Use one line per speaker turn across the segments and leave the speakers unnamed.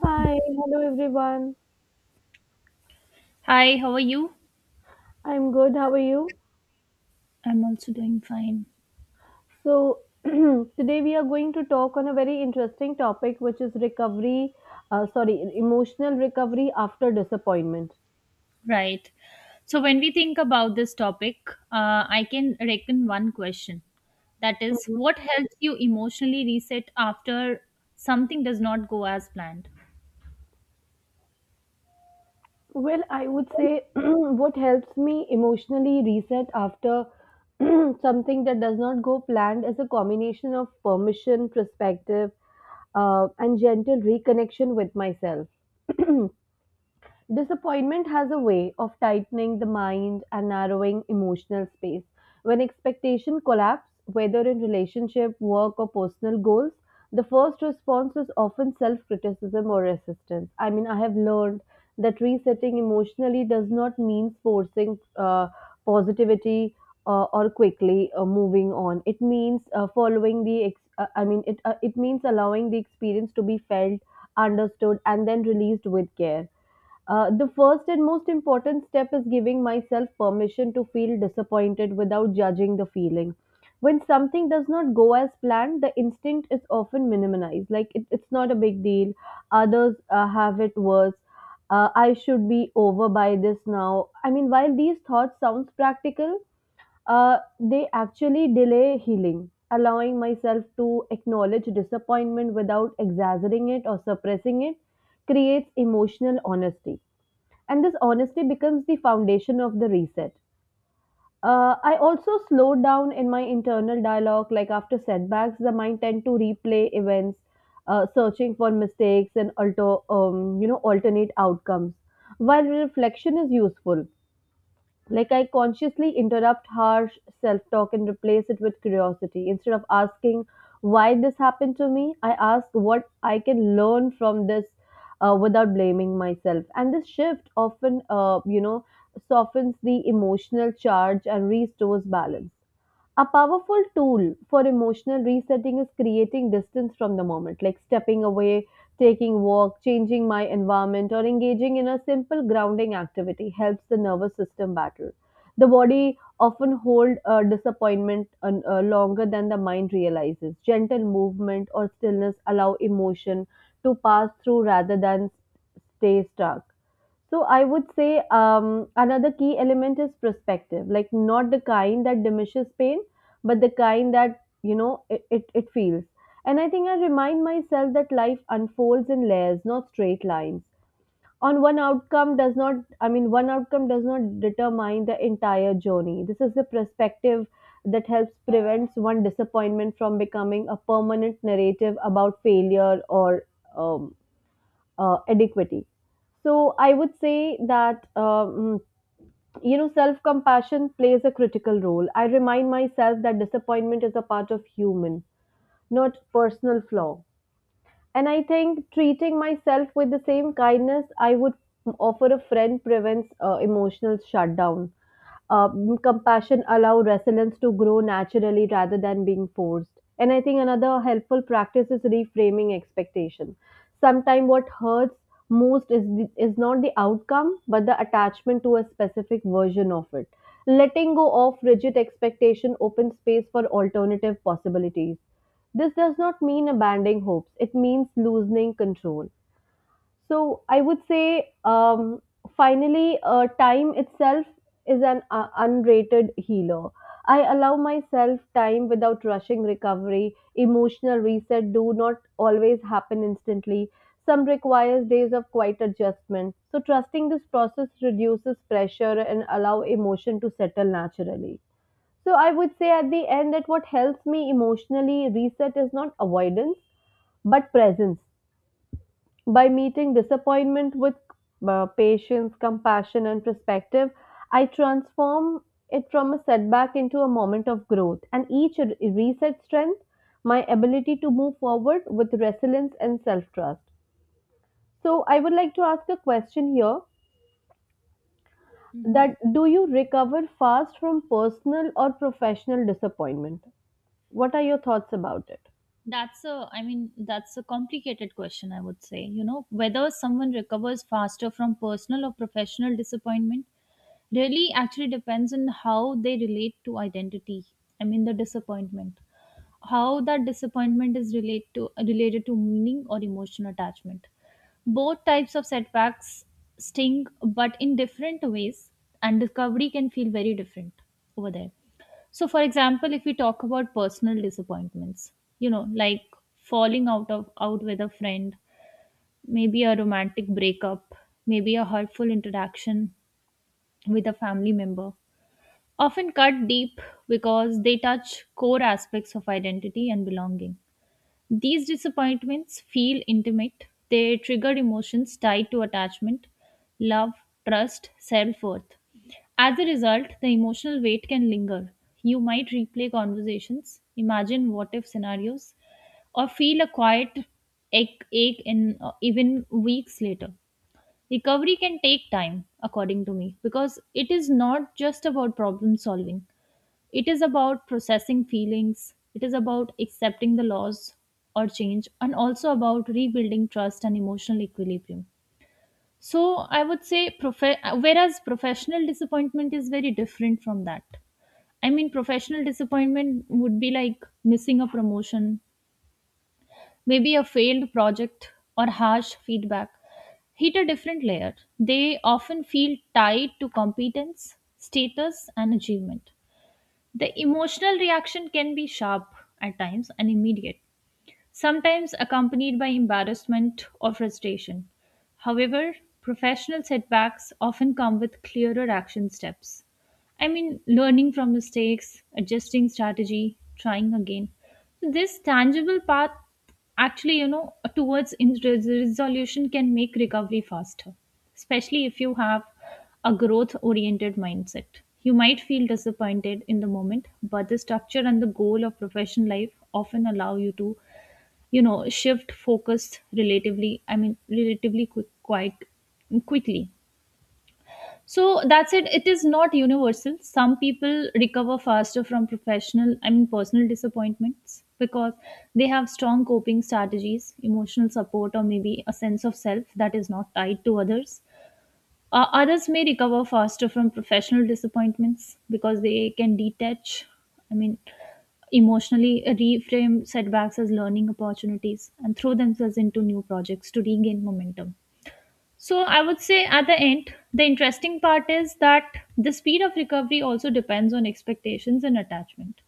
Hi, hello everyone.
Hi, how are you?
I'm good. How are you?
I'm also doing fine.
So, today we are going to talk on a very interesting topic, which is recovery, sorry, emotional recovery after disappointment.
Right. So, when we think about this topic, I can reckon one question that is,
Mhm.
what helps you emotionally reset after something does not go as planned?
Well, I would say what helps me emotionally reset after something that does not go planned is a combination of permission, perspective, and gentle reconnection with myself. Disappointment has a way of tightening the mind and narrowing emotional space. When expectation collapse, whether in relationship, work, or personal goals, the first response is often self criticism or resistance. I mean, I have learned that resetting emotionally does not mean forcing positivity or quickly moving on. It means following I mean, it means allowing the experience to be felt, understood, and then released with care. The first and most important step is giving myself permission to feel disappointed without judging the feeling. When something does not go as planned, the instinct is often minimized. Like, it's not a big deal. Others have it worse. I should be over by this now. I mean, while these thoughts sounds practical, they actually delay healing. Allowing myself to acknowledge disappointment without exaggerating it or suppressing it creates emotional honesty, and this honesty becomes the foundation of the reset. I also slow down in my internal dialogue. Like, after setbacks the mind tend to replay events, searching for mistakes and alternate outcomes. While reflection is useful, like, I consciously interrupt harsh self talk and replace it with curiosity. Instead of asking why this happened to me, I ask what I can learn from this, without blaming myself. And this shift often, softens the emotional charge and restores balance. A powerful tool for emotional resetting is creating distance from the moment, like stepping away, taking walk, changing my environment, or engaging in a simple grounding activity helps the nervous system battle. The body often hold disappointment longer than the mind realizes. Gentle movement or stillness allow emotion to pass through rather than stay stuck. So I would say, another key element is perspective, like not the kind that diminishes pain, but the kind that you know it, it feels. And I think I remind myself that life unfolds in layers, not straight lines. On one outcome does not, I mean, one outcome does not determine the entire journey. This is the perspective that helps prevents one disappointment from becoming a permanent narrative about failure or um, adequacy. So I would say that self compassion plays a critical role. I remind myself that disappointment is a part of human, not personal flaw. And I think treating myself with the same kindness I would offer a friend prevents emotional shutdown. Compassion allow resilience to grow naturally rather than being forced. And I think another helpful practice is reframing expectation. Sometimes what hurts most is is not the outcome but the attachment to a specific version of it. Letting go of rigid expectation opens space for alternative possibilities. This does not mean abandoning hopes, it means loosening control. So, I would say, finally, time itself is an unrated healer. I allow myself time without rushing recovery. Emotional reset do not always happen instantly. Some requires days of quiet adjustment. So trusting this process reduces pressure and allow emotion to settle naturally. So I would say at the end that what helps me emotionally reset is not avoidance but presence. By meeting disappointment with patience, compassion, and perspective, I transform it from a setback into a moment of growth. And each reset strength my ability to move forward with resilience and self trust. So I would like to ask a question here,
Mhm.
that do you recover fast from personal or professional disappointment? What are your thoughts about it?
That's a, I mean, that's a complicated question, I would say. You know, whether someone recovers faster from personal or professional disappointment really actually depends on how they relate to identity. I mean, the disappointment, how that disappointment is related to meaning or emotional attachment. Both types of setbacks sting, but in different ways, and recovery can feel very different over there. So, for example, if we talk about personal disappointments, you know, like falling out with a friend, maybe a romantic breakup, maybe a hurtful interaction with a family member, often cut deep because they touch core aspects of identity and belonging. These disappointments feel intimate. They trigger emotions tied to attachment, love, trust, self worth. As a result, the emotional weight can linger. You might replay conversations, imagine what if scenarios, or feel a quiet ache in even weeks later. Recovery can take time, according to me, because it is not just about problem solving. It is about processing feelings, it is about accepting the loss or change, and also about rebuilding trust and emotional equilibrium. So, I would say, whereas professional disappointment is very different from that. I mean, professional disappointment would be like missing a promotion, maybe a failed project, or harsh feedback hit a different layer. They often feel tied to competence, status, and achievement. The emotional reaction can be sharp at times and immediate, sometimes accompanied by embarrassment or frustration. However, professional setbacks often come with clearer action steps. I mean, learning from mistakes, adjusting strategy, trying again. So this tangible path actually, you know, towards resolution can make recovery faster, especially if you have a growth oriented mindset. You might feel disappointed in the moment, but the structure and the goal of professional life often allow you to, you know, shift focus relatively, I mean, relatively quick quite quickly. So that's it. It is not universal. Some people recover faster from professional I mean personal disappointments because they have strong coping strategies, emotional support, or maybe a sense of self that is not tied to others. Others may recover faster from professional disappointments because they can detach, I mean, emotionally reframe setbacks as learning opportunities and throw themselves into new projects to regain momentum. So, I would say at the end, the interesting part is that the speed of recovery also depends on expectations and attachment.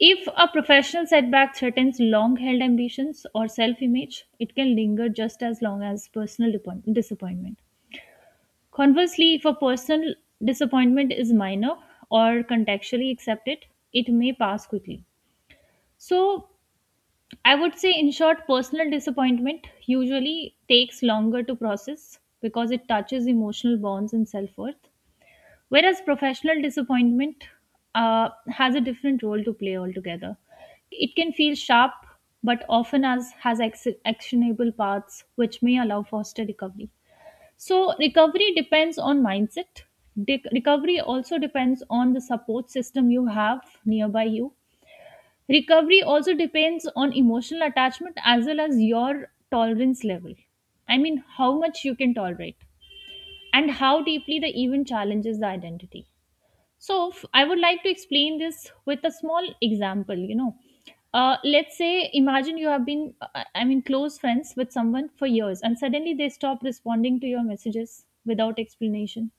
If a professional setback threatens long held ambitions or self image, it can linger just as long as personal disappointment. Conversely, if a personal disappointment is minor or contextually accepted, it may pass quickly. So, I would say, in short, personal disappointment usually takes longer to process because it touches emotional bonds and self worth, whereas professional disappointment has a different role to play altogether. It can feel sharp, but often as has actionable paths which may allow faster recovery. So, recovery depends on mindset. Recovery also depends on the support system you have nearby you. Recovery also depends on emotional attachment as well as your tolerance level. I mean, how much you can tolerate and how deeply the event challenges the identity. I would like to explain this with a small example. You know, let's say imagine you have been, I mean, close friends with someone for years, and suddenly they stop responding to your messages without explanation.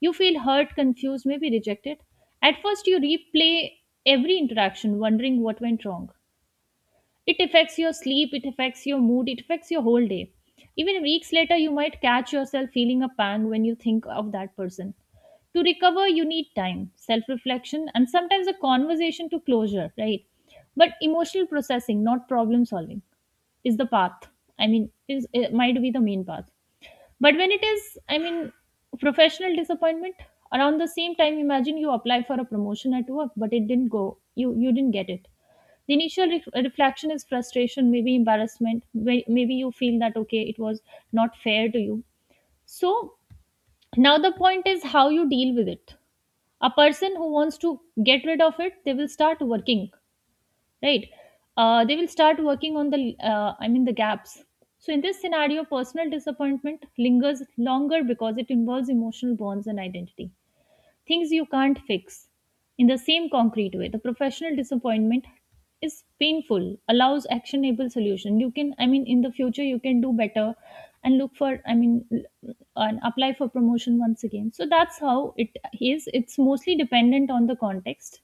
You feel hurt, confused, maybe rejected. At first, you replay every interaction, wondering what went wrong. It affects your sleep, it affects your mood, it affects your whole day. Even weeks later, you might catch yourself feeling a pang when you think of that person. To recover, you need time, self reflection, and sometimes a conversation to closure, right? But emotional processing, not problem solving, is the path. I mean, is it might be the main path. But when it is, I mean, professional disappointment, around the same time, imagine you apply for a promotion at work, but it didn't go, you didn't get it. The initial reflection is frustration, maybe embarrassment, maybe you feel that okay, it was not fair to you. So now the point is how you deal with it. A person who wants to get rid of it, they will start working, right? They will start working on the, I mean, the gaps. So in this scenario, personal disappointment lingers longer because it involves emotional bonds and identity things you can't fix. In the same concrete way, the professional disappointment is painful, allows actionable solution. You can, I mean, in the future, you can do better and look for, I mean, and apply for promotion once again. So that's how it is. It's mostly dependent on the context,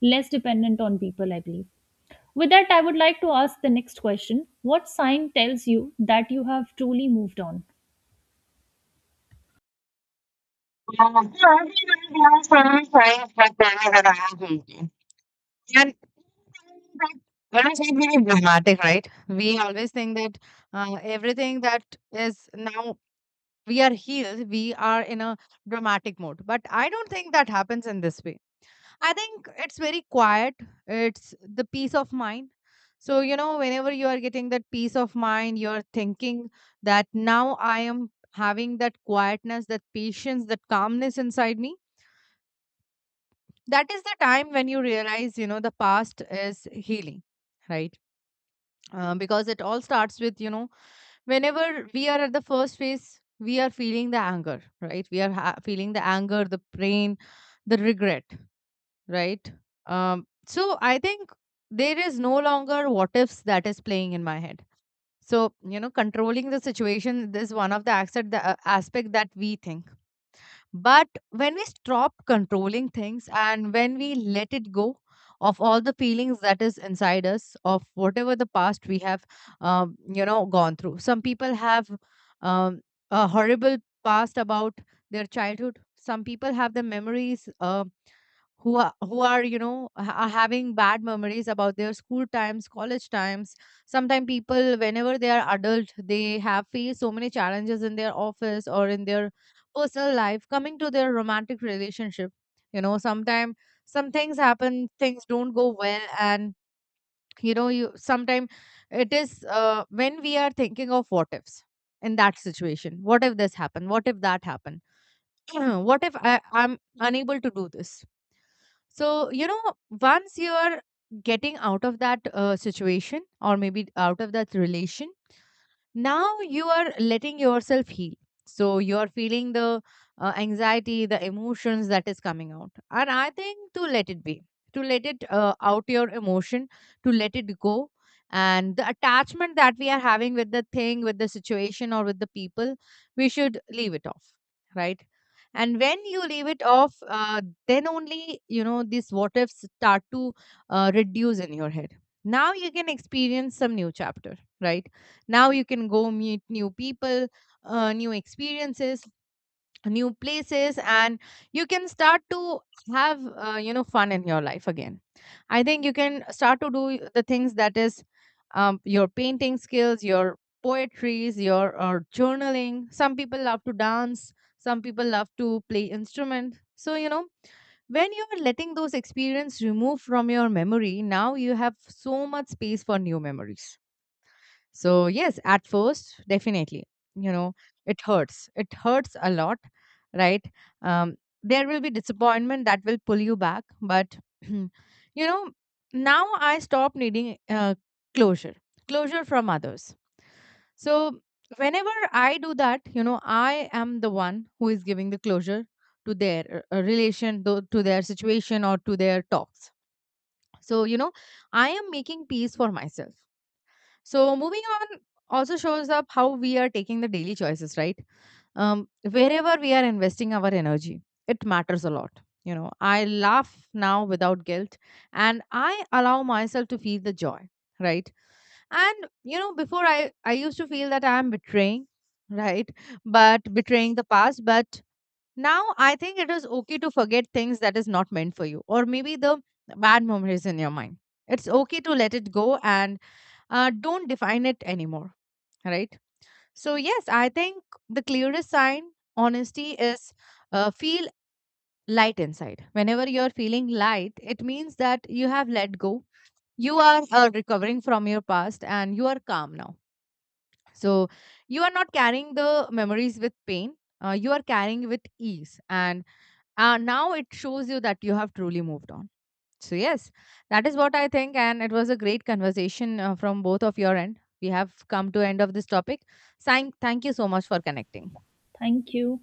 less dependent on people, I believe. With that, I would like to ask the next question. What sign tells you that you have truly moved on?
I think friends have told me that I am guilty. And when I say very dramatic, right? We always think that everything that is now we are healed, we are in a dramatic mode. But I don't think that happens in this way. I think it's very quiet. It's the peace of mind. So you know, whenever you are getting that peace of mind, you're thinking that now I am having that quietness, that patience, that calmness inside me, that is the time when you realize you know the past is healing, right? Because it all starts with you know whenever we are at the first phase, we are feeling the anger, right? Feeling the anger, the pain, the regret, right? So I think there is no longer what ifs that is playing in my head. So you know, controlling the situation is one of the aspect, the aspect that we think. But when we stop controlling things and when we let it go of all the feelings that is inside us, of whatever the past we have you know, gone through. Some people have um, a horrible past about their childhood. Some people have the memories, who are you know are having bad memories about their school times, college times. Sometimes people, whenever they are adult, they have faced so many challenges in their office or in their personal life, coming to their romantic relationship. You know, sometimes some things happen, things don't go well, and you know, you sometimes, it is when we are thinking of what ifs in that situation. What if this happened? What if that happened? What if I'm unable to do this? So, you know, once you are getting out of that situation or maybe out of that relation, now you are letting yourself heal. So you are feeling the anxiety, the emotions that is coming out, and I think to let it be, to let it out, your emotion, to let it go, and the attachment that we are having with the thing, with the situation, or with the people, we should leave it off, right? And when you leave it off, then only you know these what ifs start to reduce in your head. Now you can experience some new chapter, right? Now you can go meet new people, new experiences, new places, and you can start to have you know, fun in your life again. I think you can start to do the things that is your painting skills, your poetries, your or journaling. Some people love to dance. Some people love to play instrument. So you know, when you are letting those experience remove from your memory, now you have so much space for new memories. So, yes, at first, definitely, you know, it hurts. It hurts a lot, right? Um, there will be disappointment that will pull you back. But, you know, now I stop needing closure, closure from others. So, whenever I do that, you know, I am the one who is giving the closure to their relation, to their situation, or to their talks. So, you know, I am making peace for myself. So moving on also shows up how we are taking the daily choices, right? Wherever we are investing our energy, it matters a lot. You know, I laugh now without guilt and I allow myself to feel the joy, right? And, you know, before I used to feel that I am betraying, right? But betraying the past. But now I think it is okay to forget things that is not meant for you or maybe the bad memories in your mind. It's okay to let it go and don't define it anymore, right? So yes, I think the clearest sign, honesty is feel light inside. Whenever you're feeling light, it means that you have let go. You are recovering from your past and you are calm now. So you are not carrying the memories with pain, you are carrying with ease, and now it shows you that you have truly moved on. So, yes, that is what I think. And it was a great conversation from both of your end. We have come to end of this topic. Thank you so much for connecting.
Thank you.